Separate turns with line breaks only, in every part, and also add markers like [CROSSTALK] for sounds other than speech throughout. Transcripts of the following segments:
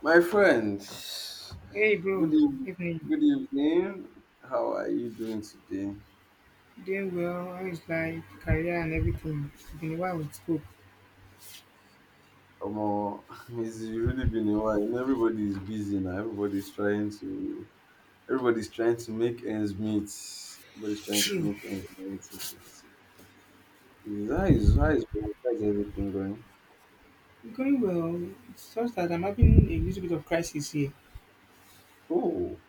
My friend,
Hey
good
bro,
evening.
evening.
Good evening. How are you doing today?
Doing well. How is life, career, and everything? It's been a while we spoke.
Omo, [LAUGHS] it's really been a while. Everybody is busy now. Everybody's trying to. Everybody's trying to make ends meet. Everybody's trying to
True.
make ends meet. It is. How is everything going?
Going well. It's just that I'm having a little bit of crisis here.
Oh,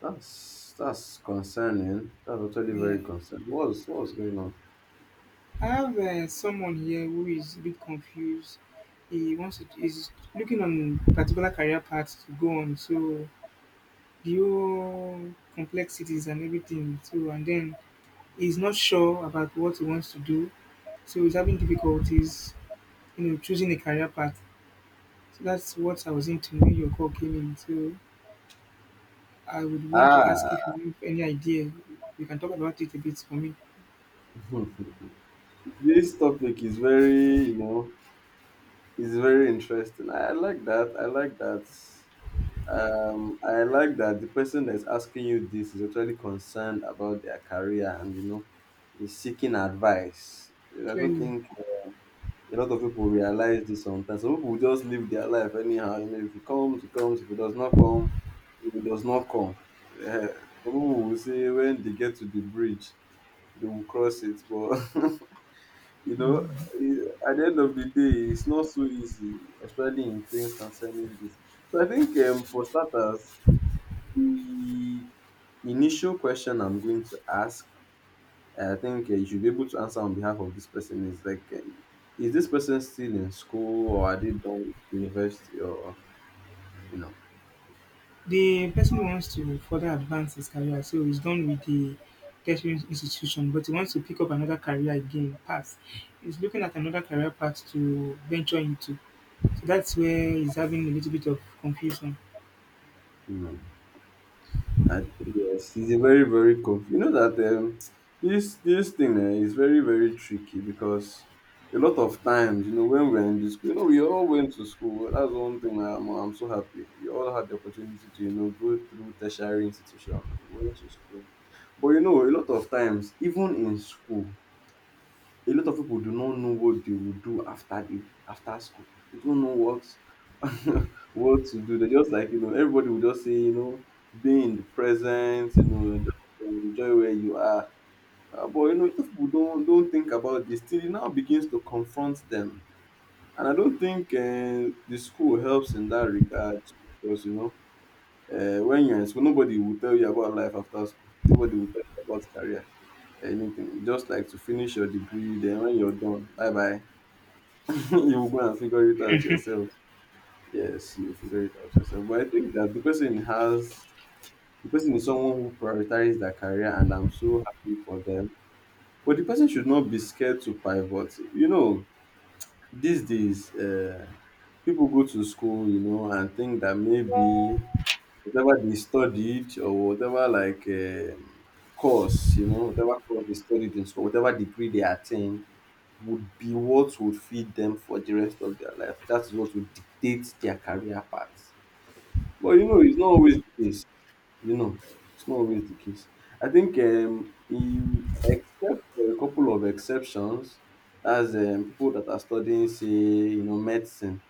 that's concerning. That's actually
Yeah.
very concerning. What's going on?
I have someone here who is a bit confused. He wants to is looking on particular career path to go on. So the whole complexities and everything. So and then he's not sure about what he wants to do. So he's having difficulties, you know, choosing a career path. So that's what I was into when your call came in. So I would want to ask if
Ah,
you have any idea. You can talk about it a bit for me.
[LAUGHS] this topic is very. It's very interesting. I like that. I like that. I like that the person that's asking you this is actually concerned about their career and is seeking advice. I don't
Clearly,
think a lot of people realize this sometimes. Some people just live their life anyhow. You know, if it comes, it comes. If it does not come, if it does not come. Some people will say when they get to the bridge, they will cross it, but [LAUGHS] you know, at the end of the day, it's not so easy, especially in things concerning this. So I think for starters, the initial question I'm going to ask, I think you should be able to answer on behalf of this person is like, is this person still in school or are they done with university or you know,
the person who wants to further advance his career, so he's done with the tertiary institution, but he wants to pick up another career again, path. He's looking at another career path to venture into. So that's where he's having a little bit of confusion.
you know? Yes, it's a very, very cool. You know that this thing is very, very tricky because a lot of times, when we're in the school, we all went to school. That's one thing I'm so happy. We all had the opportunity to, go through tertiary institution. We went to school. But, a lot of times, even in school, a lot of people do not know what they will do after school. They don't know what [LAUGHS] what to do. They just like everybody will just say be in the present. Just enjoy where you are. But if people don't think about this, still it now begins to confront them, and I don't think the school helps in that regard because when you're in school, nobody will tell you about life after school. Nobody will tell you about career, anything. Just like to finish your degree, then when you're done, bye bye. [LAUGHS] You go and figure it out yourself. Yes, you figure it out yourself. But I think that the person is someone who prioritizes their career, and I'm so happy for them. But the person should not be scared to pivot. These days, people go to school, and think that maybe whatever they studied or whatever like course, whatever course they studied in school, whatever degree they attained would be what would feed them for the rest of their life. That is what would dictate their career path. But it's not always the case. You know, it's not always the case. I think, except for a couple of exceptions, as people that are studying, say, medicine.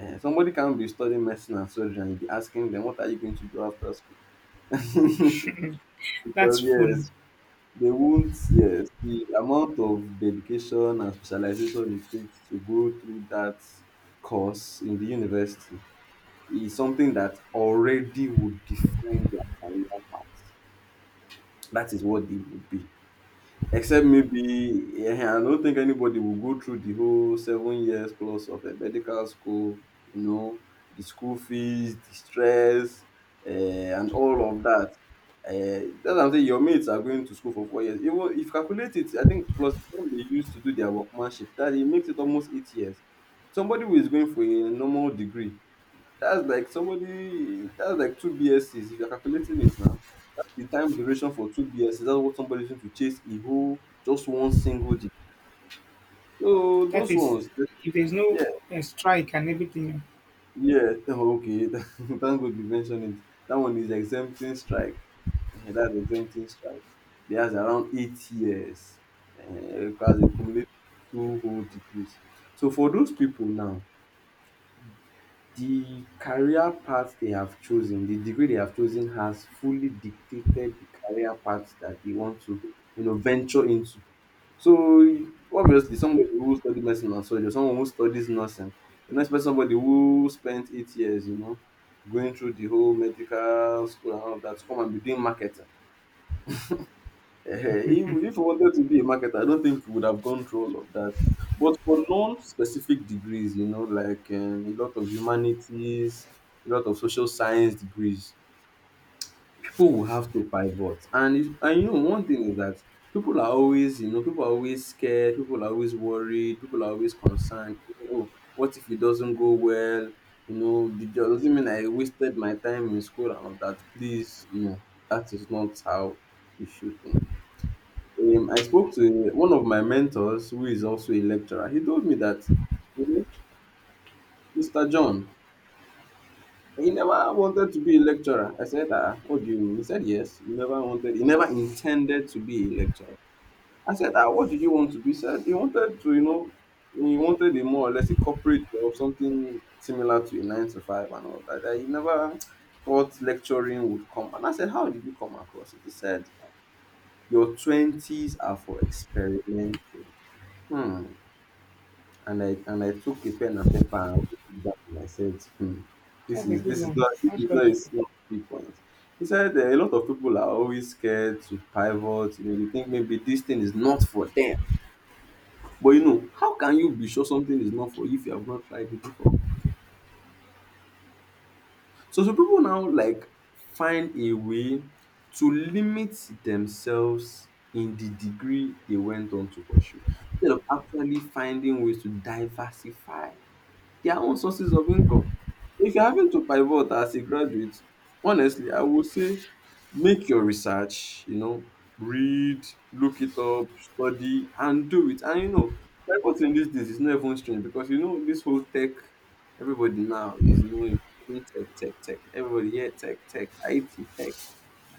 Somebody can be studying medicine and surgery and you be asking them, what are you going to do after school? [LAUGHS]
That's
Because
funny.
yes, they won't, yes, the amount of dedication and specialization it takes to go through that course in the university is something that already would define their career path. That is what they would be. Except maybe, I don't think anybody will go through the whole 7 years plus of a medical school, you know, the school fees, the stress, and all of that. That's what I'm saying. Your mates are going to school for 4 years. Even if you calculate it, I think plus the time they used to do their workmanship, that it makes it almost 8 years. Somebody who is going for a normal degree, that's like two BScs if you're calculating it now the time duration for two BS is that what somebody using to chase a whole just one single degree. So
That
those
is,
ones,
if there's no
yeah,
strike and everything.
yeah, [LAUGHS] okay. [LAUGHS] Thank God you mentioned it. That one is exempting strike. That's exempting strike. There's around 8 years because they accumulate two whole degrees. So for those people now, the career path they have chosen, the degree they have chosen has fully dictated the career path that they want to, venture into. So obviously, somebody who studied medicine and surgery, someone who studies nursing, you don't expect somebody who spent 8 years, going through the whole medical school and all of that to come and be doing marketing. Ehen, If you wanted to be a marketer, I don't think you would have gone through all of that. But for non-specific degrees, like a lot of humanities, a lot of social science degrees, people will have to pivot. And one thing is that people are always scared, people are always worried, people are always concerned. Oh, what if it doesn't go well? Does it mean I wasted my time in school and all that? Please, no, that is not how you should think. I spoke to one of my mentors who is also a lecturer. He told me that, you know, Mr. John, he never wanted to be a lecturer. I said, ah, what do you mean? He said, yes. He never intended to be a lecturer. I said, ah, what did you want to be? He said, he wanted to, you know, he wanted a more or less a corporate job, something similar to a nine to five and all that. That he never thought lecturing would come. And I said, how did you come across it? He said, your 20s are for experimenting. Hmm and I took a pen and paper and wrote it down. And I said, hmm,
That's a good one.
this
That's
is not a
logical.
small key point. He said a lot of people are always scared to pivot. They think maybe this thing is not for them. But how can you be sure something is not for you if you have not tried it before? So people now like find a way to limit themselves in the degree they went on to pursue instead of actually finding ways to diversify their own sources of income. If you're having to pivot as a graduate, honestly, I would say make your research, read, look it up, study, and do it. And pivoting these days is not even strange because this whole tech, everybody now is knowing tech, tech, tech. Everybody, yeah, tech, tech, IT, tech.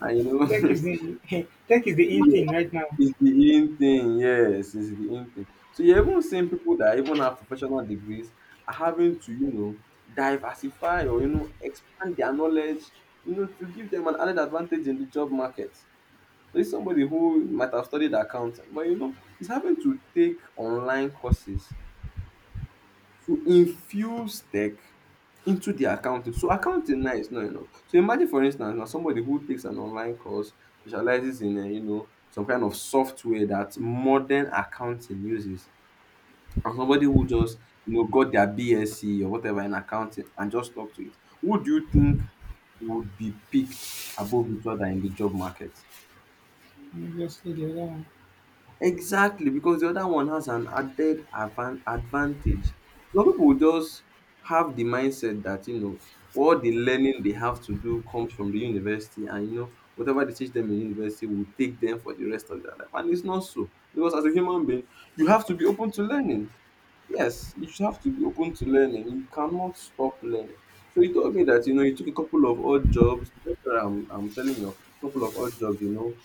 And
Tech is the [LAUGHS] tech is the in
know,
thing right now.
[LAUGHS] It's the in thing, yes, it's the in thing. So you're even seeing people that even have professional degrees are having to, diversify or expand their knowledge, to give them an added advantage in the job market. So it's somebody who might have studied accounting, but is having to take online courses to infuse tech into their accounting. So accounting now is not enough. So imagine for instance now somebody who takes an online course, specializes in some kind of software that modern accounting uses and somebody who just got their BSc or whatever in accounting and just stuck to it. Who do you think would be picked above each other in the job market?
Obviously, the other one.
Exactly, because the other one has an added advantage. Some people just have the mindset that, all the learning they have to do comes from the university and, whatever they teach them in university will take them for the rest of their life. And it's not so. Because as a human being, you have to be open to learning. Yes, you should have to be open to learning. You cannot stop learning. So he told me that, he took a couple of odd jobs. That's what I'm telling you, he took a couple of odd jobs,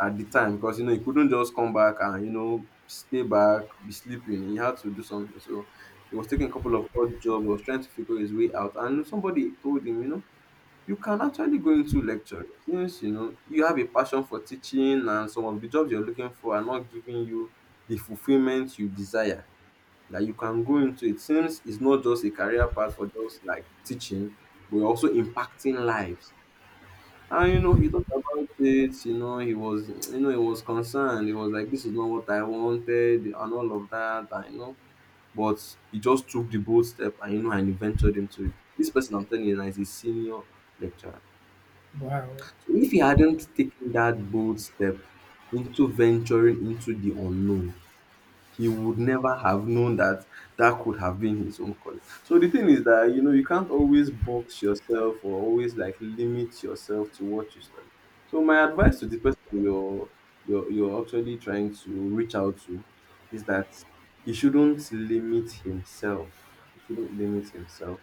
at the time because, he couldn't just come back and, stay back, be sleeping. He had to do something. So he was taking a couple of odd jobs, was trying to figure his way out. And somebody told him, you can actually go into lecture since, you have a passion for teaching and some of the jobs you're looking for are not giving you the fulfillment you desire that you can go into it since it's not just a career path for just like teaching, but you're also impacting lives. And he talked about it, he was concerned. He was like, "This is not what I wanted and all of that," and you know. But he just took the bold step and you know and he ventured into it. This person I'm telling you now is a senior lecturer.
Wow.
So if he hadn't taken that bold step into venturing into the unknown, he would never have known that that could have been his own calling. So the thing is that you know you can't always box yourself or always like limit yourself to what you study. So my advice to the person you're actually trying to reach out to is that he shouldn't limit himself. He shouldn't limit himself.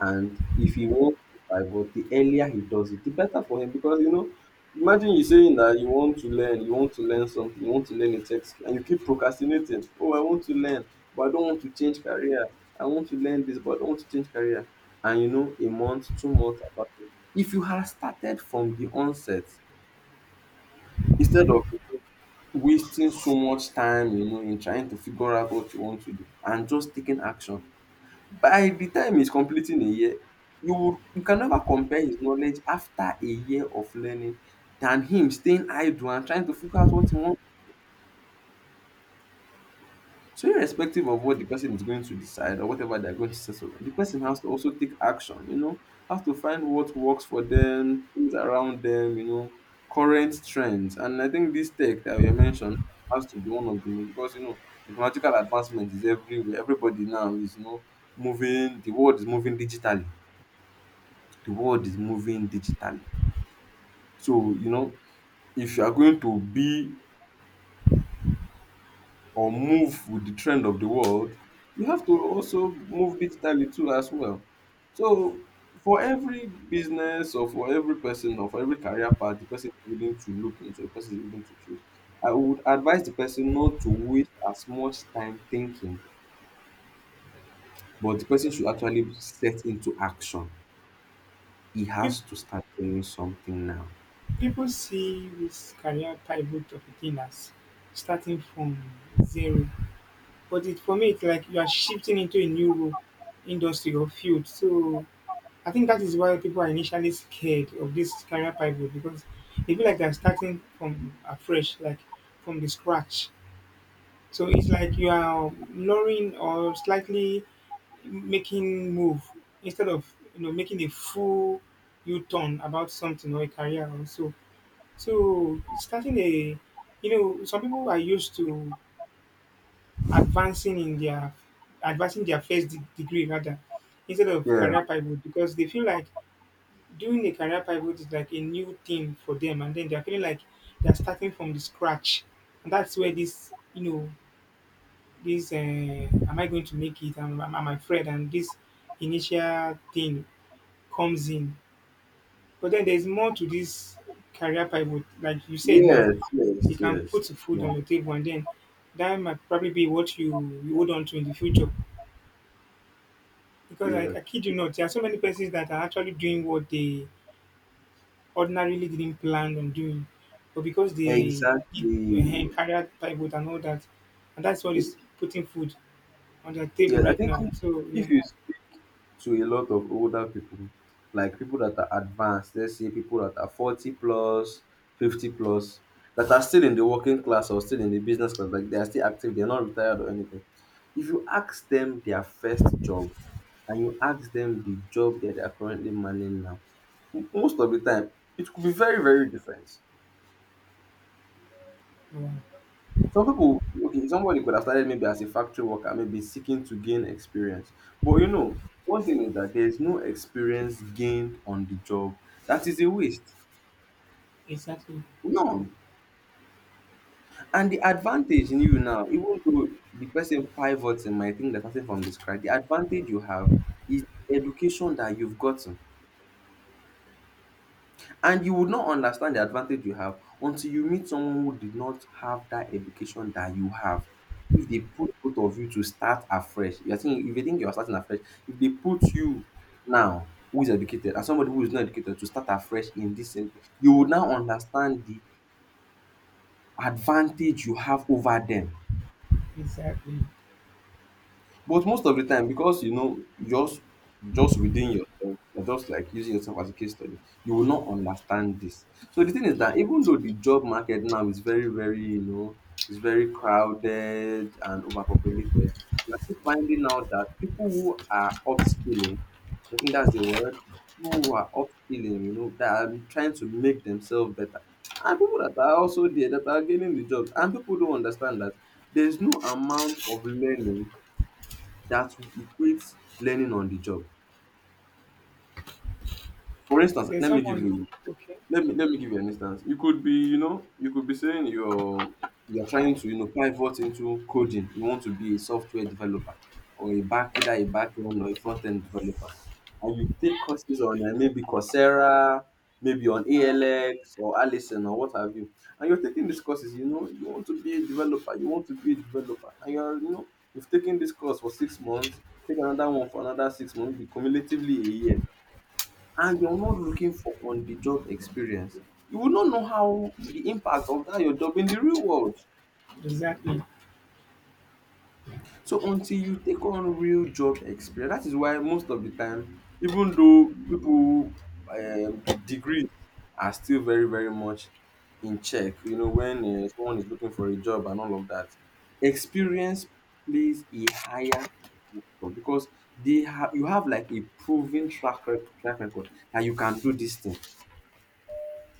And if he wants to divert, the earlier he does it, the better for him because imagine you saying that you want to learn, you want to learn something, you want to learn a tech skill, and you keep procrastinating. Oh, I want to learn, but I don't want to change career. I want to learn this, but I don't want to change career. And you know, a month, 2 months apart. If you had started from the onset, instead of wasting so much time, you know, in trying to figure out what you want to do and just taking action, by the time he's completing a year, you can never compare his knowledge after a year of learning than him staying idle and trying to figure out what he wants. So irrespective of what the person is going to decide or whatever they're going to settle on, the person has to also take action, you know, has to find what works for them, things around them, you know, current trends. And I think this tech that you mentioned has to be one of them because you know technological advancement is everywhere. Everybody now is moving, the world is moving digitally. The world is moving digitally. So, you know, if you are going to be or move with the trend of the world, you have to also move digitally too as well. So for every business or for every person or for every career path, the person is willing to look into, the person is willing to choose. I would advise the person not to waste as much time thinking, but the person should actually set into action. He
Pe-
has to start doing something now.
People see this career pivot of a thing as starting from zero, but it for me it's like you are shifting into a new role, industry or field. So I think that is why people are initially scared of this career pivot because they feel like they are starting from afresh, like from the scratch. So it's like you are lowering or slightly making move instead of you know making a full u-turn about something or a career or so so starting a you know some people are used to advancing in their advancing their first degree rather instead of
Yeah.
career pivot because they feel like doing a career pivot is like a new thing for them and then they're feeling like they're starting from the scratch. And that's where this you know this am I going to make it I am, I am I afraid and this initial thing comes in. But then there's more to this career pivot, like you said now.
Yes,
You
yes,
can
yes.
put food
Yeah.
on the table and then that might probably be what you hold on to in the future. Because
Yeah,
I kid you not, there are so many persons that are actually doing what they ordinarily didn't plan on doing. But because they did
exactly.
career pivot and all that, and that's what is putting food on their table
Yeah, I
right
think
now. So yeah.
if you speak to a lot of older people, like people that are advanced, let's say people that are 40 plus, 50 plus, that are still in the working class or still in the business class, like they are still active, they're not retired or anything. If you ask them their first job and you ask them the job that they are currently manning now, most of the time it could be very, very different.
Wow.
Some people, okay, somebody could have started maybe as a factory worker, maybe seeking to gain experience. But you know, one thing is that there is no experience gained on the job that is a waste.
Exactly.
No. And the advantage in you now, even though the person pivoting might think that starting from the scratch, the advantage you have is education that you've gotten. And you would not understand the advantage you have until you meet someone who did not have that education that you have. If they put both of you to start afresh, you are think if you think you are starting afresh, if they put you now who is educated and somebody who is not educated to start afresh in this same thing, you would now understand the advantage you have over them.
Exactly.
But most of the time, because you know, just just within yourself, you're just like using yourself as a case study, you will not understand this. So the thing is that even though the job market now is very, very, you know, it's very crowded and overpopulated, we're still finding out that people who are upskilling, I think that's the word, people who are upskilling, you know, that are trying to make themselves better. And people that are also there that are gaining the job, and people don't understand that there's no amount of learning that equates learning on the job. For instance,
There's
let me give you
someone okay,
let me let me give you an instance. You could be, you know, you could be saying you're trying to, you know, pivot into coding. You want to be a software developer or a back, either a back end or a front end developer. And you take courses on maybe Coursera, maybe on ALX or Allison or what have you. And you're taking these courses, you know, you want to be a developer, you want to be a developer. And you're, you know, you've taken this course for 6 months, take another one for another 6 months, be cumulatively a year and you're not looking for on the job experience, you will not know how the impact of that your job in the real world.
exactly.
So until you take on real job experience, that is why most of the time, even though people degrees are still very very much in check, you know, when someone is looking for a job and all of that, experience plays a higher factor because they have you have like a proven track track record that you can do this thing.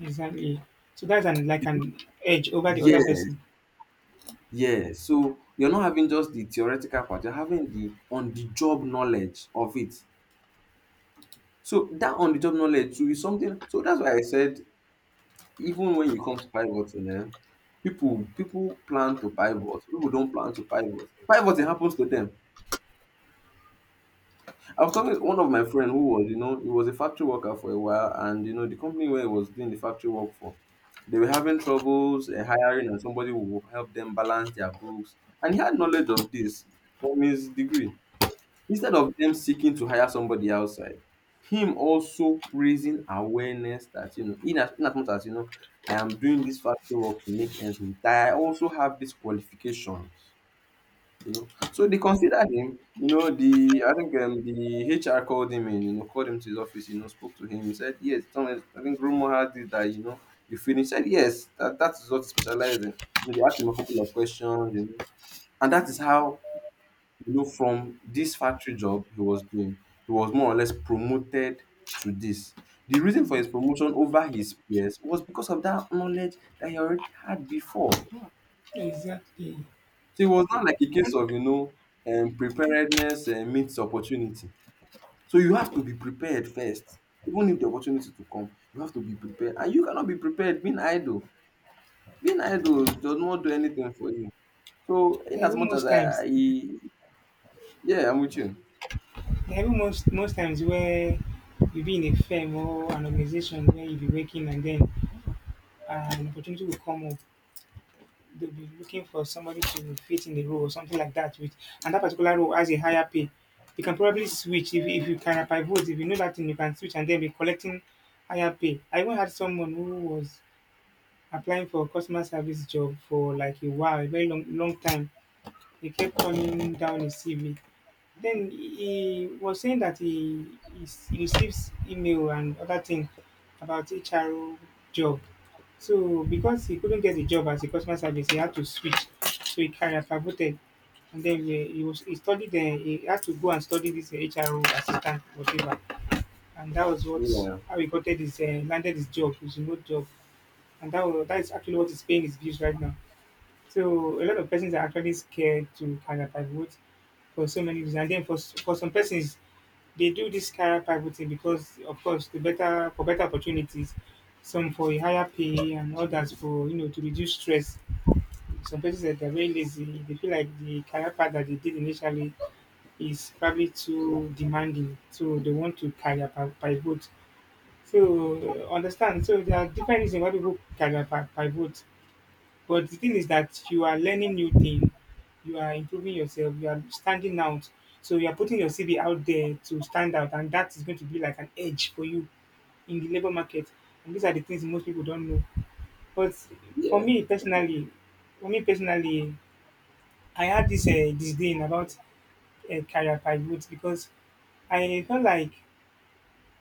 Exactly. So that's an like
You do-
an edge over the
Yes,
other person.
yeah, so you're not having just the theoretical part, you're having the on the job knowledge of it. So that on the job knowledge too is something, so that's why I said even when you come to pivoting, eh, people plan to pivot, people don't plan to pivot. Pivoting happens to them. I was talking to one of my friend who was, you know, he was a factory worker for a while and you know the company where he was doing the factory work for, they were having troubles hiring and somebody who will help them balance their books. And he had knowledge of this from his degree. Instead of them seeking to hire somebody outside, him also raising awareness that, you know, in as much as, you know, I am doing this factory work to make ends meet, that I also have these qualifications, you know. So they considered him, you know, I think the HR called him in, you know, called him to his office, you know, spoke to him. He said, "Yes, Thomas, I think rumor had it that, you know, you finished." He said, "Yes, that, that is what he specialized in." You know, they asked him a couple of questions, you know, and that is how, you know, from this factory job he was doing, he was more or less promoted to this. The reason for his promotion over his peers was because of that knowledge that he already had before.
Exactly.
So it was not like a case of, you know, preparedness meets opportunity. So you have to be prepared first. Even if the opportunity to come, you have to be prepared. And you cannot be prepared being idle. Being idle does not do anything for you. So in
There
as much as
most
I,
times
I yeah, I'm with you.
there most times where you be in a firm or an organization where you be working and then an opportunity will come up. They'll be looking for somebody to fit in the role or something like that with and that particular role has a higher pay. You can probably switch if you can pivot, if you know that thing you can switch and then be collecting higher pay. I even had someone who was applying for customer service job for like a while, a very long time. He kept turning down his CV. Then he was saying that he receives email and other thing about HR job. So because he couldn't get a job as a customer service, he had to switch. So he career pivoted, and then he studied. He had to go and study this HR assistant, whatever, and that was what
Yeah,
how he got his landed his job, his remote job, and that is actually what is paying his bills right now. So a lot of persons are actually scared to carry a pivot for so many reasons. And then for for some persons, they do this career pivoting because, of course, the better for better opportunities, some for a higher pay, and others for you know to reduce stress. Some persons that they're very lazy. They feel like the career path that they did initially is probably too demanding, so they want to career pivot. So understand. So there are different reasons why people career pivot. But the thing is that you are learning new things, you are improving yourself, you are standing out. So you are putting your CV out there to stand out, and that is going to be like an edge for you in the labor market. And these are the things most people don't know. But for
yeah,
me personally, for me personally, I had this disdain about career pivot because I felt like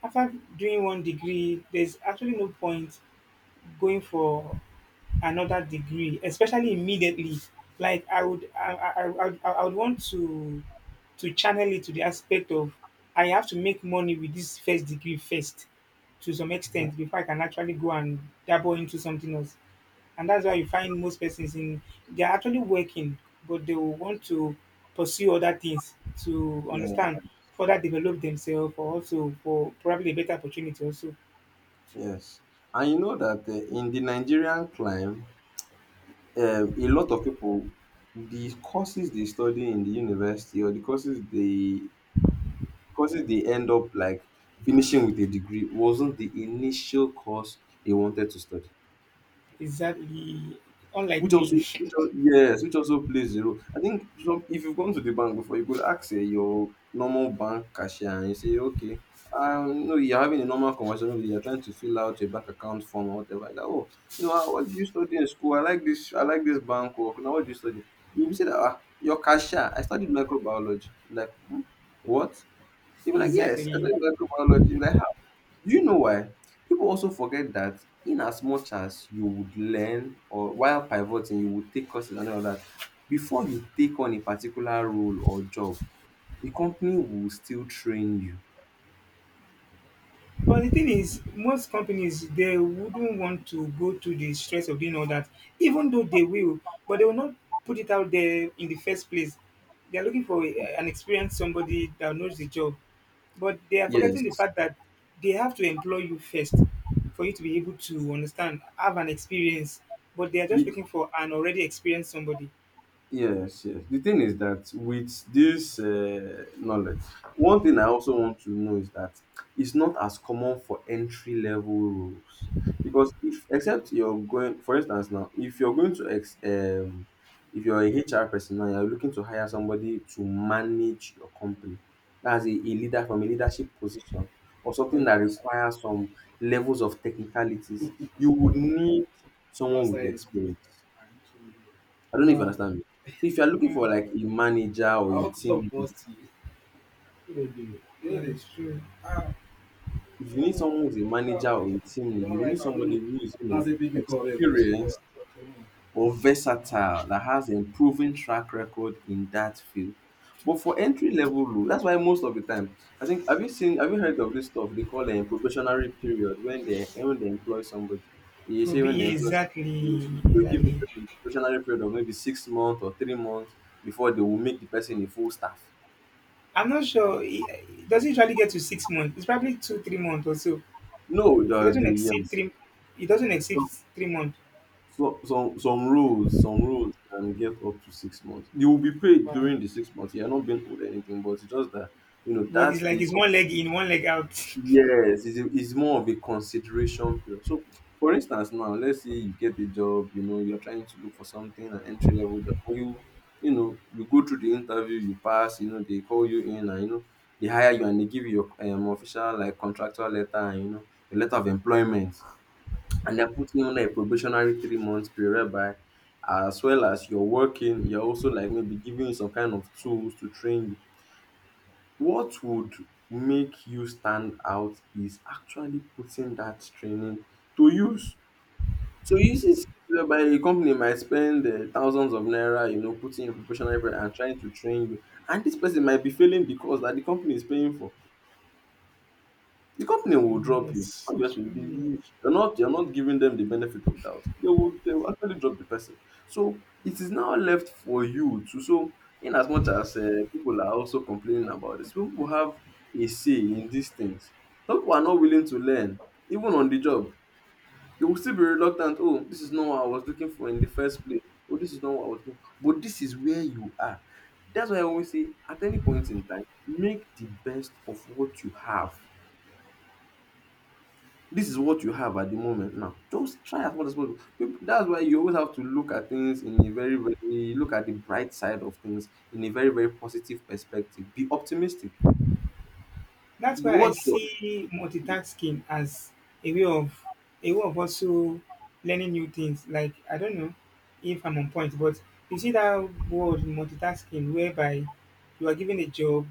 after doing one degree, there's actually no point going for another degree, especially immediately. Like I would, I would want to channel it to the aspect of I have to make money with this first degree first, to some extent, before I can actually go and dabble into something else. And that's why you find most persons in they are actually working, but they will want to pursue other things to
yeah.
understand, further develop themselves, or also for probably a better opportunity. Also,
Yes. And you know that in the Nigerian climb, a lot of people, the courses they study in the university or the courses they end up like finishing with a degree wasn't the initial course they wanted to study.
exactly, unlike
Which also,
me.
which al- yes, which also plays a role. I think, some, if you've gone to the bank before, you could ask eh, your normal bank cashier and you say, okay, no, you're having a normal conversation with, you're trying to fill out your bank account form or whatever. Like, oh, you know, ah, "What did you study in school? I like this. I like this bank work. Now, what do you study?" You will say that ah, your cashier, "I studied microbiology." Like, hmm, what?
[LAUGHS]
You'll be like, yes, I
Exactly.
studied microbiology. You'll be like, do you know why? People also forget that in as much as you would learn or while pivoting, you would take courses and all that, before you take on a particular role or job, the company will still train you.
But the thing is, most companies they wouldn't want to go to the stress of doing all that, even though they will, but they will not put it out there in the first place. They are looking for an experienced somebody that knows the job, but they are forgetting the
Yes.
fact that they have to employ you first for you to be able to understand, have an experience. But they are just
The,
looking for an already experienced somebody.
yes, yes. The thing is that with this knowledge, one thing I also want to know is that it's not as common for entry level roles because if, except you're going, for instance, now if you're going to ex, if you're a HR person now, you're looking to hire somebody to manage your company. That's a leader from a leadership position or something that requires some levels of technicalities. You would need someone with experience. I don't know if you
Wow.
understand me. So if you are looking
Yeah.
for like a manager or a team lead,
Yeah, it's true.
if you need someone who's a manager or a team lead, you will need somebody who is, experienced or versatile that has a proven track record in that field. But for entry level role, that's why most of the time, I think have you heard of this stuff they call a probationary period when they employ somebody. You say when they
Probably
employ somebody,
exactly,
they give the
exactly.
person a probationary period of maybe 6 months or 3 months before they will make the person a full staff.
I'm not sure. It doesn't usually get to 6 months. It's probably two, 3 months or so.
No,
It doesn't
the
exceed
yes.
three. It doesn't exceed
Some,
3 months.
some rules can get up to 6 months. You will be paid
Wow.
during the 6 months. You're not being owed anything, but it's just that
But it's
that's
like
the
it's one leg in, one leg out. [LAUGHS]
yes, it's more of a consideration period. So, for instance, now let's say you get a job, you're trying to look for something, an entry level job, you go through the interview, you pass, they call you in, and they hire you and they give you your official like contractual letter, and a letter of employment. And they're putting on a probationary 3 months period whereby as well as you're working, you're also like maybe giving you some kind of tools to train you. What would make you stand out is actually putting that training to use. So you see skills whereby a company might spend thousands of naira, putting in probationary period and trying to train you. And this person might be failing the course that the company is paying for. The company
Oh,
will drop you.
yes,
Obviously, they
truly.
you're not giving them the benefit of doubt. They will actually drop the person. So it is now left for you to so in as much as people are also complaining about this, people have a say in these things. Some people are not willing to learn, even on the job. They will still be reluctant. Oh, this is not what I was looking for in the first place. Oh, this is not what I was looking for. But this is where you are. That's why I always say, at any point in time, make the best of what you have, this is what you have at the moment now. Just try as much as possible. People, that's why you always have to look at the bright side of things in a very, very positive perspective. Be optimistic.
That's
You
why I
watch your
see multitasking as a way of a way of also learning new things. Like I don't know if I'm on point, but you see that word multitasking, whereby you are given a job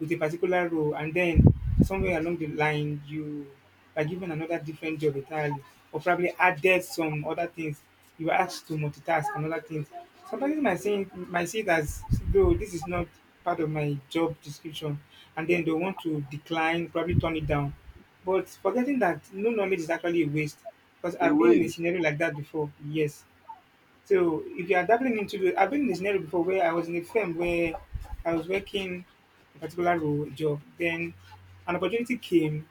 with a particular role, and then somewhere along the line you by given another different job entirely, or probably added some other things. You were asked to multitask and other things. Somebody might say might see it as though this is not part of my job description, and then they want to decline, probably turn it down. But forgetting that no knowledge is actually a waste, because I've been
away
in a scenario like that before. Yes. So if you are dabbling into the, I've been in a scenario before where I was in a firm where I was working a particular role job, then an opportunity came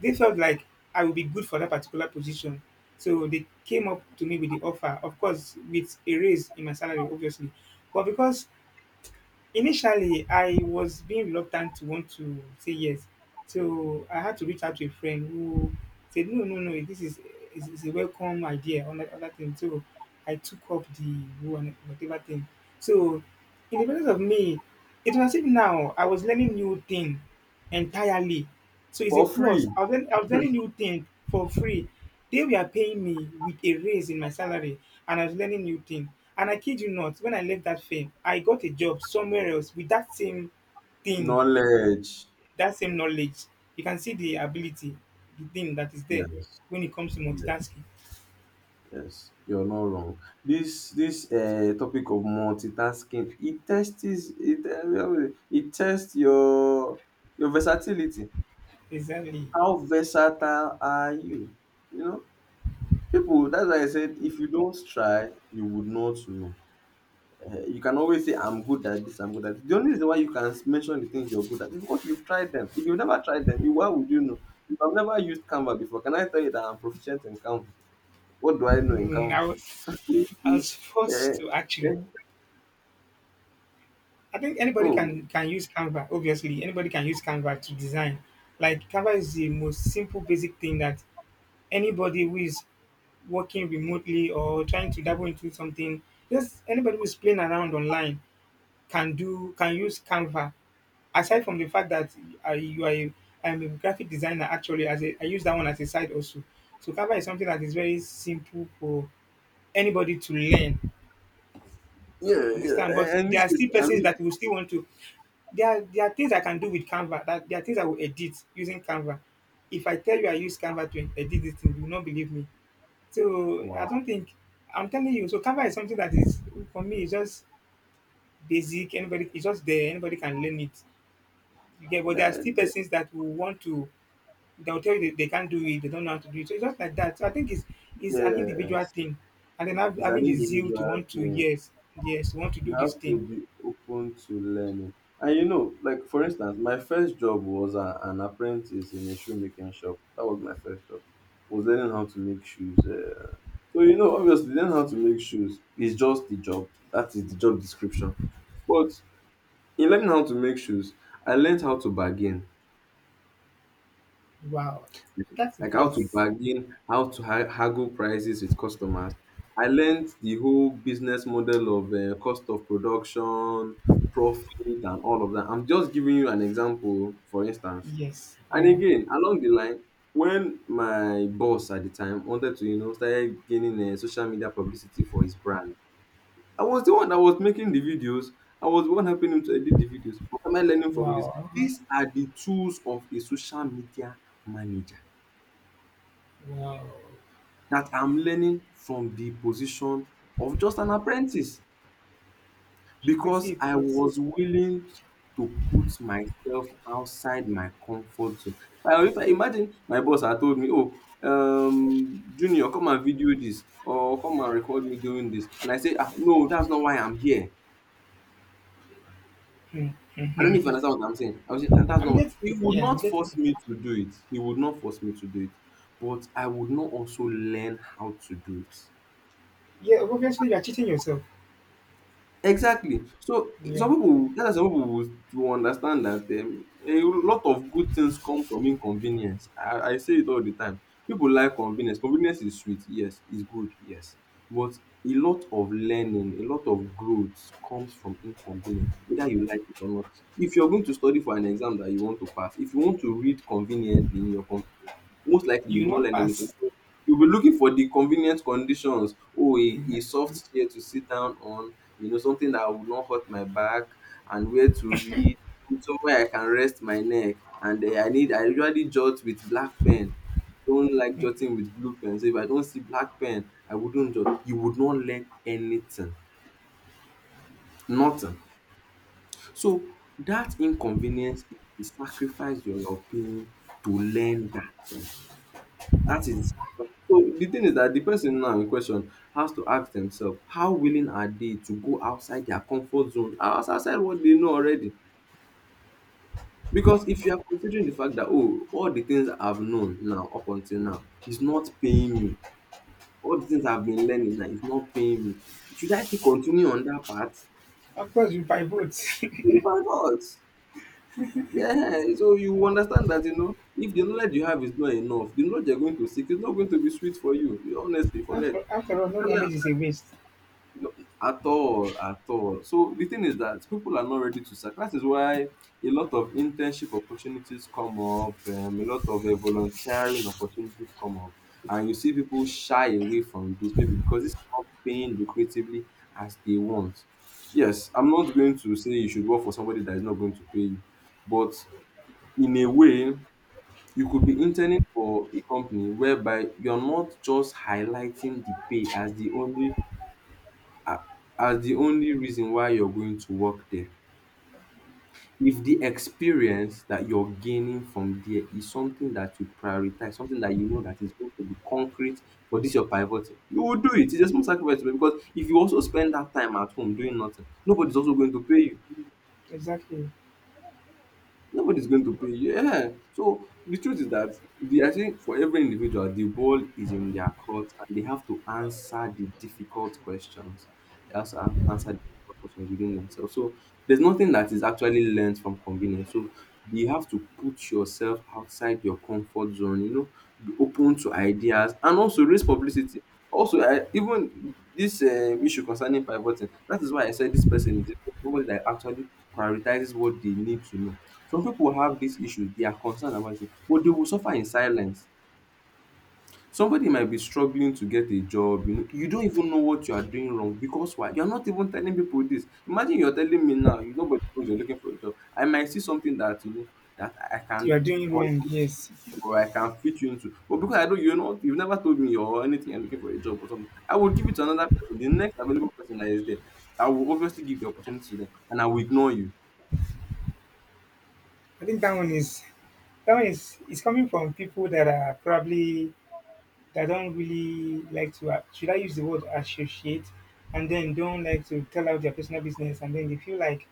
they felt like I would be good for that particular position. So they came up to me with the offer, of course, with a raise in my salary, obviously. But because initially I was being reluctant to want to say yes, so I had to reach out to a friend who said, no, no, no, this is a welcome idea, on that other thing. So I took up the one, whatever thing. So, in the presence of me, it was as if now I was learning new thing entirely. So it's a
for free.
plus. I was, I was learning new thing for free. They were paying me with a raise in my salary, and I was learning new thing. And I kid you not, when I left that firm, I got a job somewhere else with that same thing,
Knowledge.
that same knowledge. You can see the ability, the thing that is there
Yes.
when it comes to
Yes.
multitasking.
Yes. You're not wrong. This topic of multitasking, it tests your versatility.
Exactly.
How versatile are you? You know? People, that's why I said if you don't try, you would not know. You can always say, I'm good at this. The only reason why you can mention the things you're good at is because you've tried them. If you've never tried them, why would you know? If I've never used Canva before, can I tell you that I'm proficient in Canva? What do I know in
Mm,
Canva?
I was
Eh,
forced to actually
eh,
I think anybody
oh,
can use Canva. Obviously, anybody can use Canva to design. Like Canva is the most simple, basic thing that anybody who is working remotely or trying to dabble into something, just anybody who is playing around online can do can use Canva. Aside from the fact that I, you are, a, I'm a graphic designer. Actually, as a, I use that one as a side also. So Canva is something that is very simple for anybody to learn.
yeah, yeah.
Understand? But
In
there
this
are
case,
still
I
persons
mean,
that will still want to. There are things I can do with Canva. That there are things I will edit using Canva. If I tell you I use Canva to edit this thing, you will not believe me. So I
wow.
don't think I'm telling you. So Canva is something that is for me. It's just basic. Anybody, it's just there. Anybody can learn it. You get, but there are
That,
still persons that will want to. They will tell you they can't do it. They don't know how to do it. So it's just like that. So I think it's an
yeah,
individual
yes.
thing, and then
It's
having
an
the zeal to
individual
want to,
thing.
yes, yes, to want to
You
do this
have to
thing.
be open to learning. And you know, like for instance, my first job was an apprentice in a shoemaking shop. That was my first job. Was learning how to make shoes. So you know, obviously, learning how to make shoes is just the job. That is the job description. But in learning how to make shoes, I learned how to bargain.
Wow, that's a
Like how to
plus.
bargain, how to haggle prices with customers. I learned the whole business model of cost of production, profit, and all of that. I'm just giving you an example, for instance.
Yes,
And
yeah.
again, along the line, when my boss at the time wanted to, started gaining social media publicity for his brand, I was the one that was making the videos. I was the one helping him to edit the videos. What am I learning from this?
Wow, uh-huh.
These are the tools of a social media manager.
Wow.
That I'm learning from the position of just an apprentice
You can see
because
a
I
plus.
was willing to put myself outside my comfort zone. If I imagine my boss had told me, "Oh, Junior, come and video this or come and record me doing this," and I say, "Ah, no, that's not why I'm here." I don't know if you understand what I'm saying. That's
I'm
not. Why.
getting
He
it.
would
Yeah, I'm
not
getting
force
it.
me to do it. He would not force me to do it, but I would not also learn how to do it.
Yeah, obviously you're cheating yourself.
Exactly. So,
Yeah,
some people that's why some people will understand that a lot of good things come from inconvenience. I say it all the time. People like convenience. Convenience is sweet, yes. It's good, yes. But a lot of learning, a lot of growth comes from inconvenience, whether you like it or not. If you're going to study for an exam that you want to pass, if you want to read conveniently in your computer, most likely
you
you
will
will not
not
learn anything.
pass.
You'll be looking for the convenient conditions. Oh, a
Exactly.
soft chair to sit down on, something that will not hurt my back, and where to read, somewhere I can rest my neck. And I usually jot with black pen. Don't like jotting with blue pen. So if I don't see black pen, I wouldn't jot. You would not learn anything, nothing. So that inconvenience is the sacrifice you're paying to learn that thing. That is so the thing is that the person now in question has to ask themselves how willing are they to go outside their comfort zone outside what they know already. Because if you are considering the fact that oh all the things I've known now up until now is not paying me, all the things I've been learning now is not paying me, should I still continue on that path?
Of course, you buy votes.
You might not. Yeah, so you understand that you know if the knowledge you have is not enough the knowledge you're going to seek is not going to be sweet for you. You- honestly
[LAUGHS]
forget.
After all, no knowledge is a waste.
No, at all, at all. So the thing is that people are not ready to sacrifice. That is why a lot of internship opportunities come up, a lot of volunteering opportunities come up, and you see people shy away from this maybe because it's not paying lucratively as they want. Yes, I'm not going to say you should work for somebody that is not going to pay you, but in a way, you could be interning for a company whereby you're not just highlighting the pay as the only reason why you're going to work there. If the experience that you're gaining from there is something that you prioritize, something that you know that is going to be concrete for this your pivot, you will do it. It's a small sacrifice to make because if you also spend that time at home doing nothing, nobody's also going to pay you.
Exactly.
Nobody's going to pay you. Yeah. So the truth is that I think for every individual, the ball is in their court and they have to answer the difficult questions. They have to answer the difficult questions within themselves. So there's nothing that is actually learned from convenience. So you have to put yourself outside your comfort zone, you know, be open to ideas and also raise publicity. Also, even this issue concerning pivoting, that is why I said this person is somebody that actually prioritizes what they need to know. Some people have these issues, they are concerned about it, but they will suffer in silence. Somebody might be struggling to get a job, you know, you don't even know what you are doing wrong because why? You're not even telling people this. Imagine you're telling me now, you nobody knows you're looking for a job. I might see something that you know that I
You
can
are doing
connect
wrong.
you
Yes,
to or I can fit you into. But because I don't you know you've never told me or anything you're looking for a job or something, I will give it to another person. The next available person that is there, I will obviously give the opportunity to them and I will ignore you.
I think that one is coming from people that are probably, that don't really like to, should I use the word associate, and then don't like to tell out their personal business, and then they feel like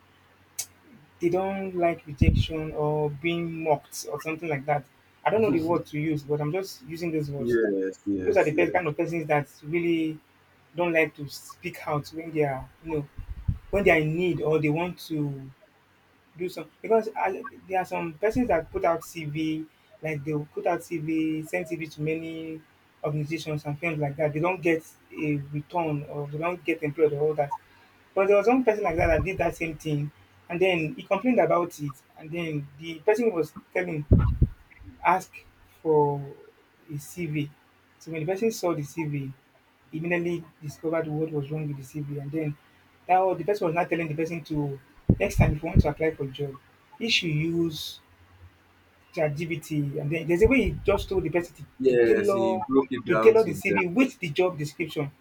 they don't like rejection or being mocked or something like that. I don't know the word to use, but I'm just using those words.
Yes,
Those are the
yes,
best
yes.
kind of persons that really don't like to speak out when they are, when they are in need, or they want to do some, because there are some persons that put out CV, like they'll put out CV, send CV to many organizations and things like that. They don't get a return or they don't get employed or all that. But there was one person like that that did that same thing, and then he complained about it, and then the person was telling, ask for his CV. So when the person saw the CV, he immediately discovered what was wrong with the CV, and then now the person was not telling the person to, next time if you want to apply for a job, you should use ChatGPT. And then there's a way he just told the person to, to
Yes, he
tailor
broke it
to
down
tailor
to
the
them.
CV with the job description.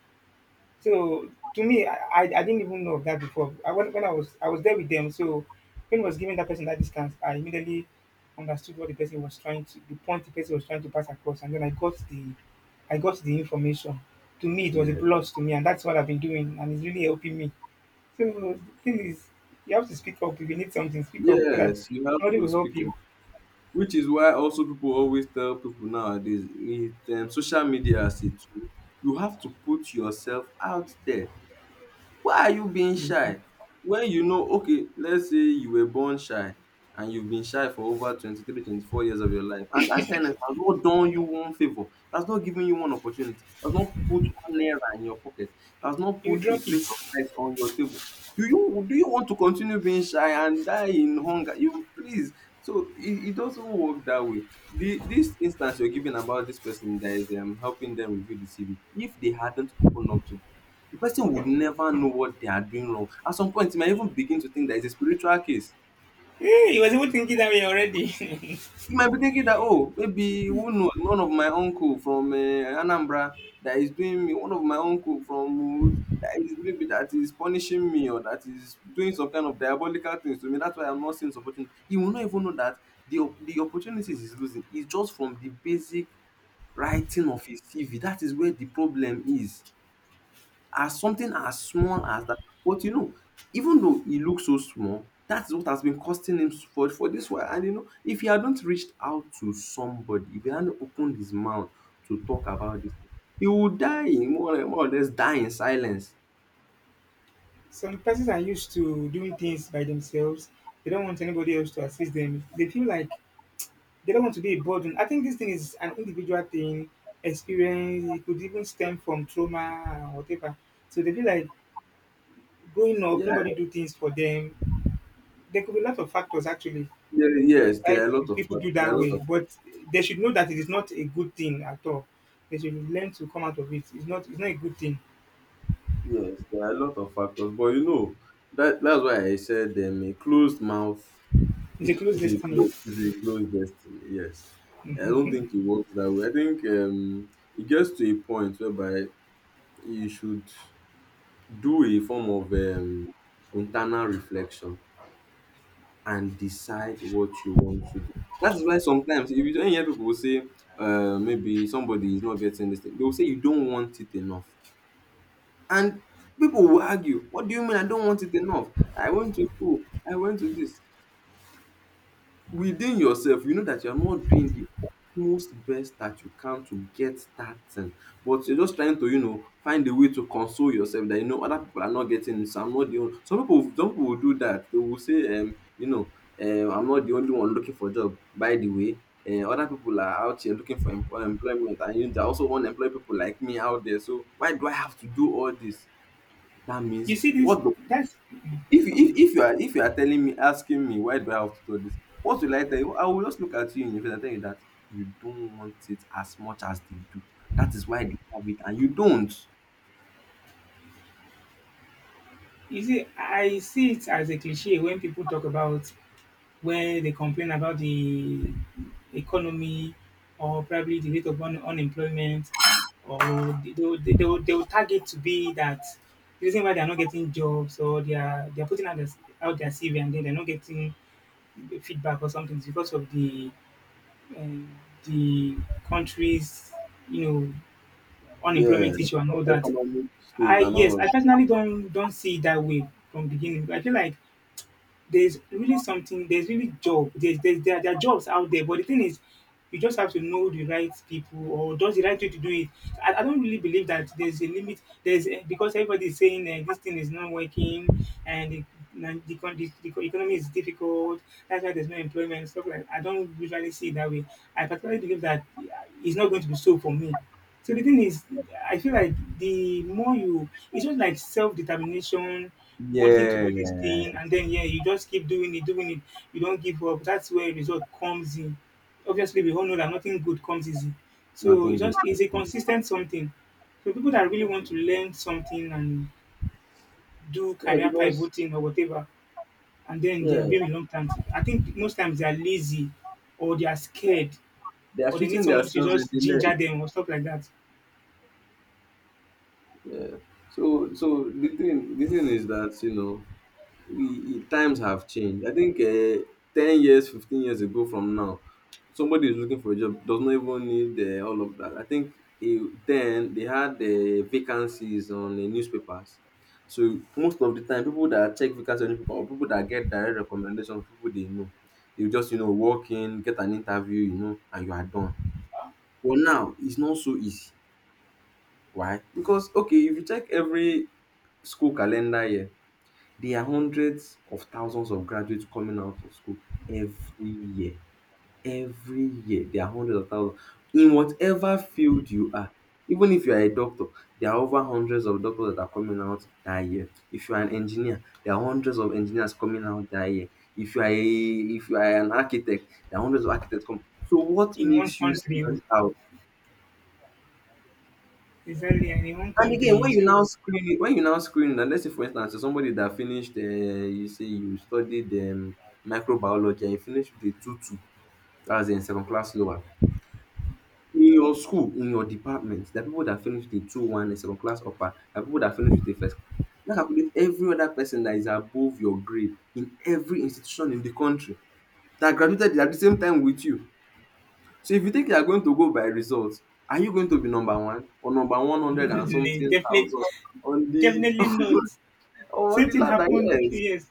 So to me, I didn't even know of that before. When I was there with them, so when I was giving that person that discount, I immediately understood what the person was trying to, the point the person was trying to pass across, and then I got the information. To me, it was a
Yeah.
plus to me, and that's what I've been doing, and it's really helping me. So the thing is, you have to speak up. If you need something, speak up so that
Yes, you have
somebody
to
will
speak
help you.
up. Which is why also people always tell people nowadays with social media as a tool, you have to put yourself out there. Why are you being
You
shy? When you know, okay, let's say you were born shy and you've been shy for over 23, 24 years of your life, and that shyness has not done you one favor, that's not given you one opportunity, that's not put one naira in your pocket, that's not
you
put a
drop
plate of
it.
rice on your table. Do you want to continue being shy and die in hunger? You please. So it doesn't work that way. This instance you're giving about this person that is helping them review the CV, if they hadn't opened up to the person would never know what they are doing wrong. At some point, he might even begin to think that it's a spiritual case.
Hey, he was even thinking that way already. [LAUGHS]
He might be thinking that, oh, maybe who knows, one of my uncle from Anambra that is doing me, one of my uncle from Uhud that is maybe that is punishing me or that is doing some kind of diabolical things to me. That's why I'm not seeing this opportunity. He will not even know that the opportunities he's losing is just from the basic writing of his CV. That is where the problem is, as something as small as that. But you know, even though he looks so small, that's what has been costing him for this while. And you know, if he hadn't reached out to somebody, if he hadn't opened his mouth to talk about this thing, he would die, more or less die in silence.
Some persons are used to doing things by themselves. They don't want anybody else to assist them. They feel like they don't want to be a burden. I think this thing is an individual thing, experience. It could even stem from trauma or whatever. So they feel like growing up,
Yeah,
nobody do things for them. There could be a lot of factors actually.
there,
Uh,
yes,
why
there are a lot of
people do
fac- there are
that
a lot
way,
of
but they should know that it is not a good thing at all. They should learn to come out of it. It's not. It's not a good thing.
yes, there are a lot of factors. But you know, that that's why I said a closed mouth.
It's a closed destiny.
It's a close destiny. Yes, I don't think it works that way. I think it gets to a point whereby you should do a form of internal reflection and decide what you want to do. That's why sometimes if you don't hear people say, maybe somebody is not getting this thing, they'll say you don't want it enough, and people will argue, "What do you mean I don't want it enough? I went to school, I went to this." Within yourself you know that you're not doing the utmost best that you can to get that thing, but you're just trying to you know find a way to console yourself that you know other people are not getting it, so I'm not the only some people will do that. They will say I'm not the only one looking for job. By the way, other people are out here looking for employment, and you there are also unemployed people like me out there, so why do I have to do all this? That means
You see this?
what the
That's.
if you are telling me asking me why do I have to do this, what will I tell you? I will just look at you in the face and tell you that you don't want it as much as they do. That is why they have it and you don't.
You see, I see it as a cliche when people talk about, where they complain about the economy or probably the rate of unemployment, or they will target to be that the reason why they're not getting jobs, or they're putting out their CV and then they're not getting feedback or something, is because of um, the country's you know
Yeah,
unemployment issue and all that.
economic state
I
and all
Yes,
of
I personally don't see it that way from beginning. I feel like there's really something, there's really job, there are jobs out there, but the thing is you just have to know the right people or does the right way to do it. I don't really believe that there's a limit, because everybody is saying this thing is not working, and the economy is difficult, that's why there's no employment and stuff. Like, I don't usually see it that way. I particularly believe that, it's not going to be so for me. So the thing is, I feel like the more you, it's just like self determination, wanting to do this
yeah,
thing, and then yeah, you just keep doing it, doing it. You don't give up. That's where result comes in. Obviously, we all know that nothing good comes easy. So
nothing
it's
good,
just it's a consistent something. So people that really want to learn something and do
yeah
career
because,
pivoting or whatever, and then they are
yeah,
being a long time, I think most times they are lazy, or they are scared,
they are
or they need
shooting
somebody to
themselves in
just
the leg.
ginger them or stuff like that
So the thing is that, you know, we times have changed. I think 10 years, 15 years ago from now, somebody is looking for a job does not even need all of that. I think eh, then they had the vacancies on the newspapers. So most of the time, people that check vacancies on newspaper or people that get direct recommendation from people they know, they just you know walk in, get an interview, you know, and you are done. But now it's not so easy. Why? Because okay, if you check every school calendar year, there are hundreds of thousands of graduates coming out of school every year. Every year, there are hundreds of thousands. In whatever field you are, even if you are a doctor, there are over hundreds of doctors that are coming out that year. If you are an engineer, there are hundreds of engineers coming out that year. If you are a if you are an architect, there are hundreds of architects coming. So what
in one
makes you
country.
stand out?
Exactly, and in one
And again,
country,
when you now
so
screen it, when you now screen and let's say for instance, you're somebody that finished, you say you studied microbiology and you finished with a 2-2, that's in second class lower. In your school, in your department, there are people that finished with a 2-1, a second class upper, there are people that finished with a first class. Now calculate every other person that is above your grade in every institution in the country that graduated at the same time with you. So if you think you are going to go by results, are you going to be number one or number
[LAUGHS]
100 and something
definitely,
thousand on the
definitely not.
Oh, on
Same
the
thing
ladder,
happened.
yes.
Yes,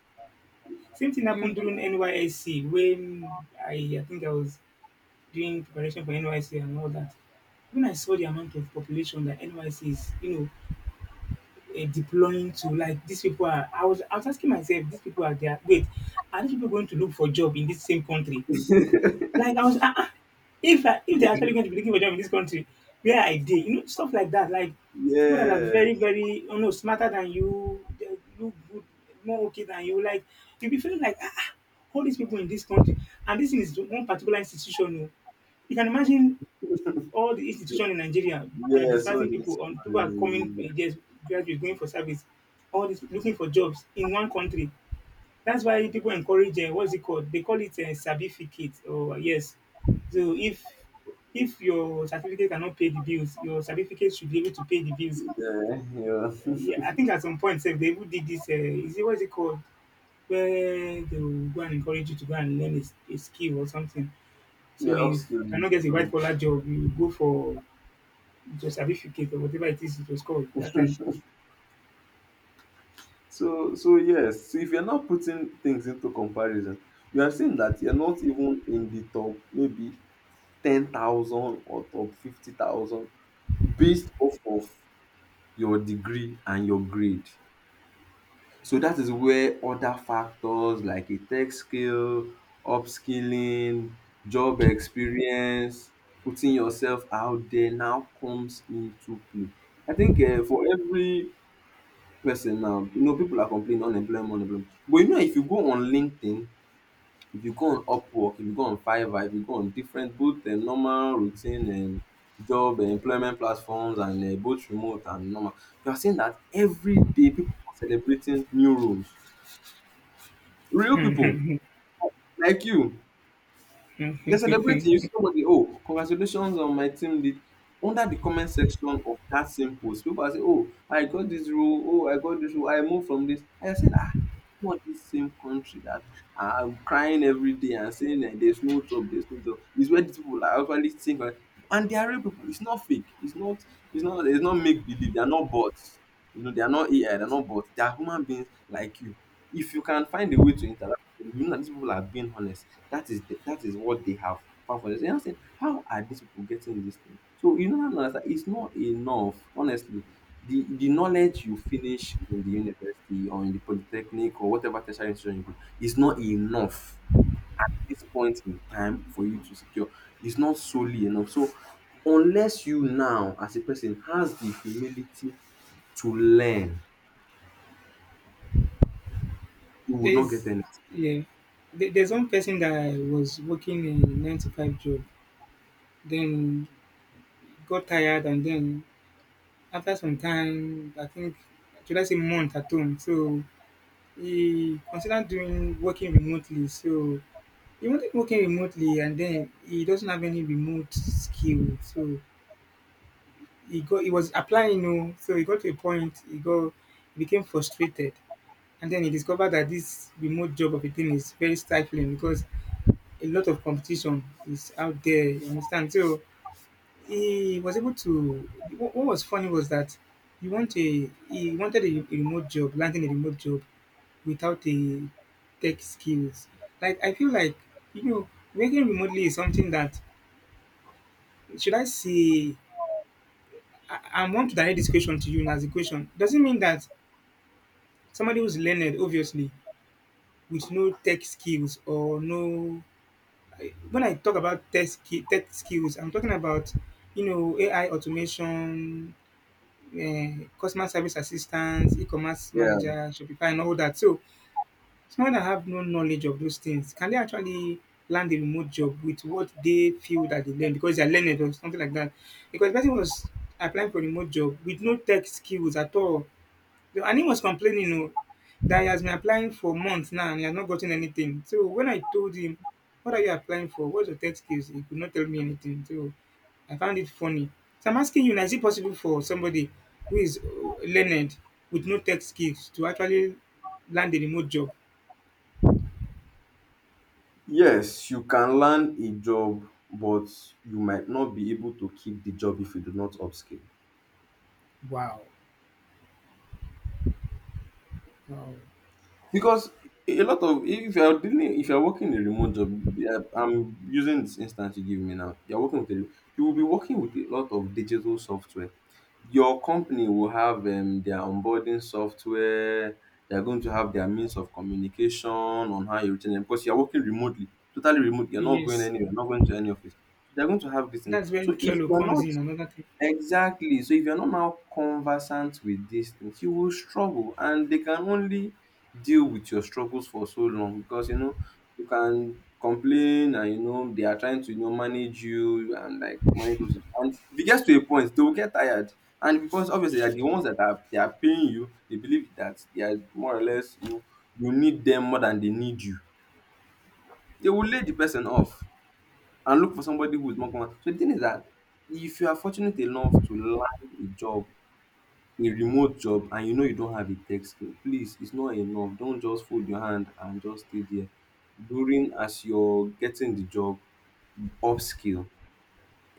same thing
You,
happened during NYSC when I think I was doing preparation for NYC and all that. When I saw the amount of population that NYC is, deploying to, like these people are. I was asking myself, these people are there. Wait, are these people going to look for job in this same country? Like I was, if they're actually
you.
going to be looking for a job in this country, where I did, stuff like that. Like people that are
Yeah,
very, very, smarter than you, they look good, more okay than you. Like you'll be feeling like, all these people in this country, and this thing is one particular institution. Oh. You can imagine all the institution in Nigeria. They are
yeah. So
dispersing
this,
people on people are coming, just graduates going for service, all this looking for jobs in one country. That's why people encourage, what's it called? They call it a certificate. Oh yes. So if your certificate cannot pay the bills, your certificate should be able to pay the bills.
yeah, yeah,
Yeah, I think at some point, sef, they even did this. Is it what's it called? Where they will go and encourage you to go and learn a skill or something. So
yeah.
if you
Upskilling.
cannot get a white collar job, you go for your certificate or whatever it is it was called that time.
So yes. So if you're not putting things into comparison, you are seeing that you're not even in the top, maybe 10,000 or top 50,000, based off of your degree and your grade. So dat is where other factors like a tech skill, upskilling, job experience, putting yourself out there now comes into play. I think for every person now, you know people are complaining unemployment, but you know if you go on LinkedIn, if you go on Upwork, if you go on Fiverr, if you go on different both normal routine job employment platforms and both remote and normal, you are seeing dat everyday people are celebrating new roles. Real people like you, you're celebrating. You see somebody, oh, congratulations on my team lead. Under the comment section of that same post, people are saying, oh, I got this role, oh, I got this role, I moved from this. I said, ah, what this same country that I'm crying every day and saying that there's no job, there's no job. It's where these people are actually think, like- and they are real people. It's not fake. It's not. It's not. It's not make believe. They are not bots. You know, they are not AI. They are not bots. They are human beings like you. If you can find a way to interact with them, you know that these people are being honest, that is what they have found for themselves. And I'm saying, how are these people getting this thing? So you know, that it's not enough. Honestly, the knowledge you finish in the university or in the polytechnic or whatever tertiary institution you go is not enough. This point in time for you to secure is not solely enough. So unless you now as a person has the humility to learn, you would not get
There's
anything.
Yeah, there's one person that was working a nine to five job. Then got tired, and then after some time, I think, should I say month at home, so he considered doing working remotely. So he wanted working remotely, and then he doesn't have any remote skill. So he was applying, you know. So he got to a point, he became frustrated, and then he discovered that this remote job of a thing is very stifling because a lot of competition is out there, you understand? So he was able to, what was funny was that he wanted a remote job, landing a remote job without a tech skills. Like I feel like, you know working remotely is something that, should I say, I want to direct this question to you. As a question doesn't mean that somebody who's learned, obviously, with no tech skills or no, when I talk about tech, tech skills, I'm talking about, AI automation, customer service assistants, e-commerce
Yeah.
manager, Shopify and all that. So someone that have no knowledge of those things, can they actually land a remote job with what they feel that they learn because they're learned or something like that? Because the person was applying for remote job with no tech skills at all. And he was complaining, that he has been applying for months now and he has not gotten anything. So when I told him, what are you applying for? What's your tech skills? He could not tell me anything. So I found it funny. So I'm asking you now, is it possible for somebody who is, learned with no tech skills to actually land a remote job?
Yes, you can learn a job, but you might not be able to keep the job if you do not upskill.
Wow. Wow.
Because a lot of if you are dealing, if you are working a remote job, yeah, I'm using this instance you give me now. You will be working with a lot of digital software. Your company will have their onboarding software. They are going to have their means of communication on how you reach them because you are working remotely, totally remote. You're not going
Yes,
anywhere, not going to any office. They're going to have this thing.
that's
So
when
if
Trello
you're
comes
not
in, another thing.
Exactly. So if you're not now conversant with these things, you will struggle, and they can only deal with your struggles for so long because you know you can complain and you know they are trying to you know manage you and like manage those things. And if it gets to a point, they will get tired. And because obviously they're the ones that are they are paying you, they believe that they are more or less, you know, you need them more than they need you. They will lay the person off and look for somebody who is more common. So the thing is that if you are fortunate enough to land a job, a remote job, and you know you don't have a tech skill, please, it's not enough. Don't just fold your hand and just stay there. During as you're getting the job, upskill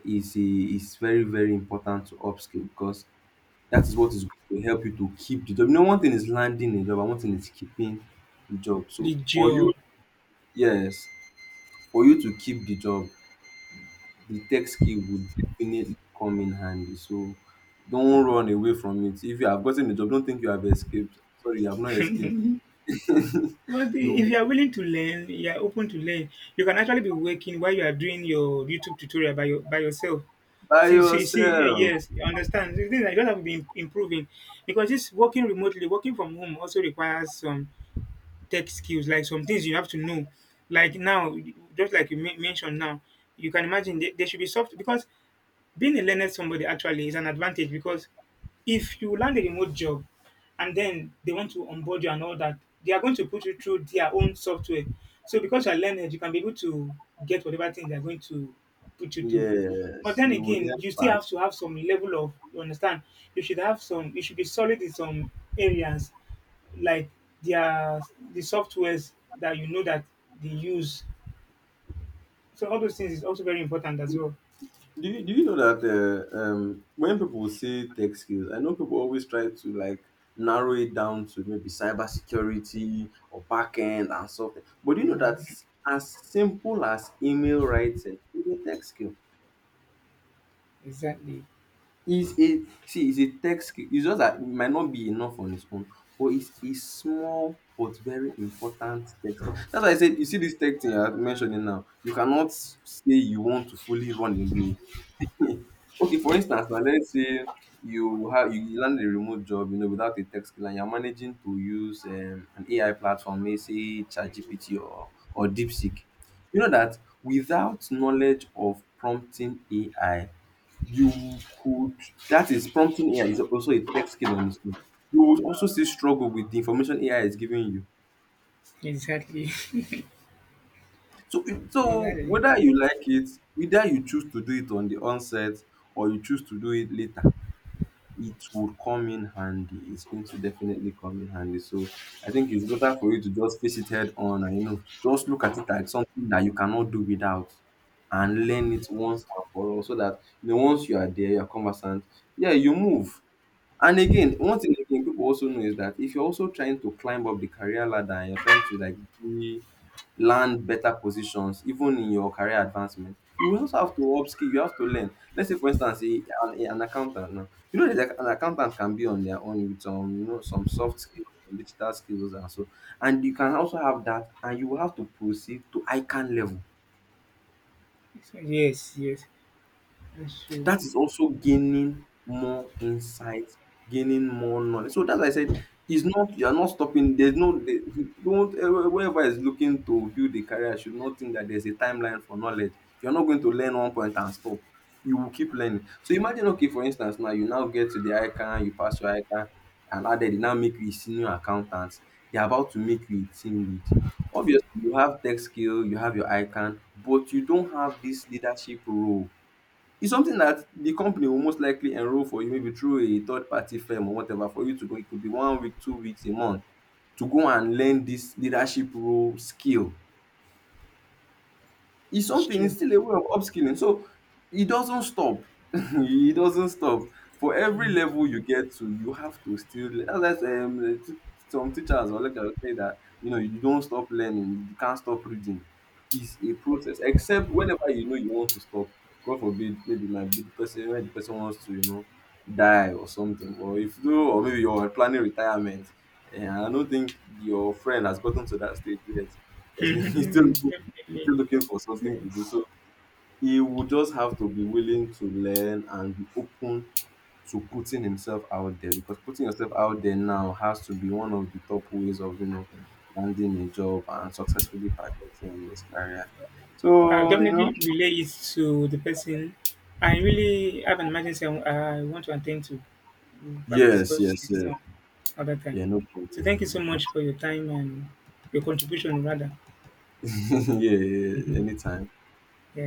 is very very important to upskill because that is what is going to help you to keep the job. You know, one thing is landing a job and one thing is keeping the job. So
The
for you,
job.
yes, for you to keep the job, the tech skill would definitely come in handy. So don't run away from it. If you have gotten the job, don't think you have escaped. Sorry, you have not escaped. [LAUGHS]
But,
You
if
will
you are willing to learn, you are open to learn. You can actually be working while you are doing your YouTube tutorial by your by yourself.
by
See, see, see.
yourself.
Yes, you understand. The thing is that you do have to be improving, because this working remotely, working from home, also requires some tech skills, like some things you have to know. Like now, just like you mentioned now, you can imagine, there, should be soft, because being a learned somebody actually is an advantage, because if you land a remote job and then they want to onboard you and all that, they are going to put you through their own software. So because you are learned, you can be able to get whatever thing they are going to put you through. But
Yes,
then
you will
again,
learn
you still have
fast.
to have some level of, you understand. You should have some. You should be solid in some areas, like their the softwares that you know that they use. So all those things is also very important as well.
Do you know that when people say tech skills, I know people always try to like narrow it down to maybe cybersecurity or backend and something. But do you know that
Um,
as simple as email writing is a tech skill?
Exactly.
It's a, see, it's a tech skill. It's just that it might not be enough on its own, but it's a small but very important tech skill. That's why I said, you see this tech thing you're mentioning now, you cannot say you want to fully run away. [LAUGHS] Okay, for instance now, let's say you land a remote job, you know, without a tech skill, and you're managing to use an AI platform, may say ChatGPT or DeepSeek. You know that without knowledge of prompting AI, you could, that is, prompting AI is also a tech skill on its own. You would also still struggle with the information AI is giving you.
Exactly. [LAUGHS]
So
Exactly.
whether you like it, whether you choose to do it on the onset or you choose to do it later, it would come in handy. It's going to definitely come in handy. So I think it's better for you to just face it head on and, you know, just look at it as something that you cannot do without and learn it once and for all, so that, you know, once you are there, you're conversant, yeah, you move. And again, one thing again people also know is that if you're also trying to climb up the career ladder and you're trying to like be, land better positions, even in your career advancement, you will also have to upskill. You have to learn. Let's say, for instance, an accountant. Now, you know that an accountant can be on their own with some, you know, some soft skills, some digital skills, and so. And you can also have that, and you will have to proceed to ICANN level.
It's Yes, yes, that's true.
That is also gaining more insight, gaining more knowledge. So that's why I said it's not, you are not stopping. There's no there- Don't, eh, whoever is looking to build a career should not think that there's a timeline for knowledge. You're not going to learn one point and stop. You will keep learning. So imagine, okay, for instance, now you now get to the ICANN, you pass your ICANN, and now they now make you a senior accountant. They're about to make you a team lead. Obviously, you have tech skill, you have your ICANN, but you don't have this leadership role. It's something that the company will most likely enroll for you, maybe through a third party firm or whatever, for you to go. It could be one week, two weeks, a month to go and learn dis leadership role skill. It's
It's
something, it's
true.
still a way of upskilling. So it doesn't stop. [LAUGHS] It doesn't stop. For every
Mm.
level you get to, you have to still some teachers or lecturers say that, you know, you don't stop learning, you can't stop reading. It's a process, except whenever, you know, you want to stop. God forbid, maybe it might be the person, when the person wants to, you know, die or something, or if you, or maybe you're planning retirement. And I don't think your friend has gotten to that stage yet because [LAUGHS] he's still, he's
Definitely.
still looking for
So,
something to do. So he would just have to be willing to learn and be open to putting himself out there, because putting yourself out there now has to be one of the top ways of, you know, landing a job and successfully piloting his career.
I'll
So, you know,
definitely relay it to the person. I really have an emergency I want to attend to. We'll probably
yes,
discuss
yes,
this
yeah.
some other time.
Yeah, no
So
problem.
thank you
No
so much
problem.
for your time and your contribution, rather.
[LAUGHS] Yeah, yeah, yeah,
Mhm.
anytime.
Yeah.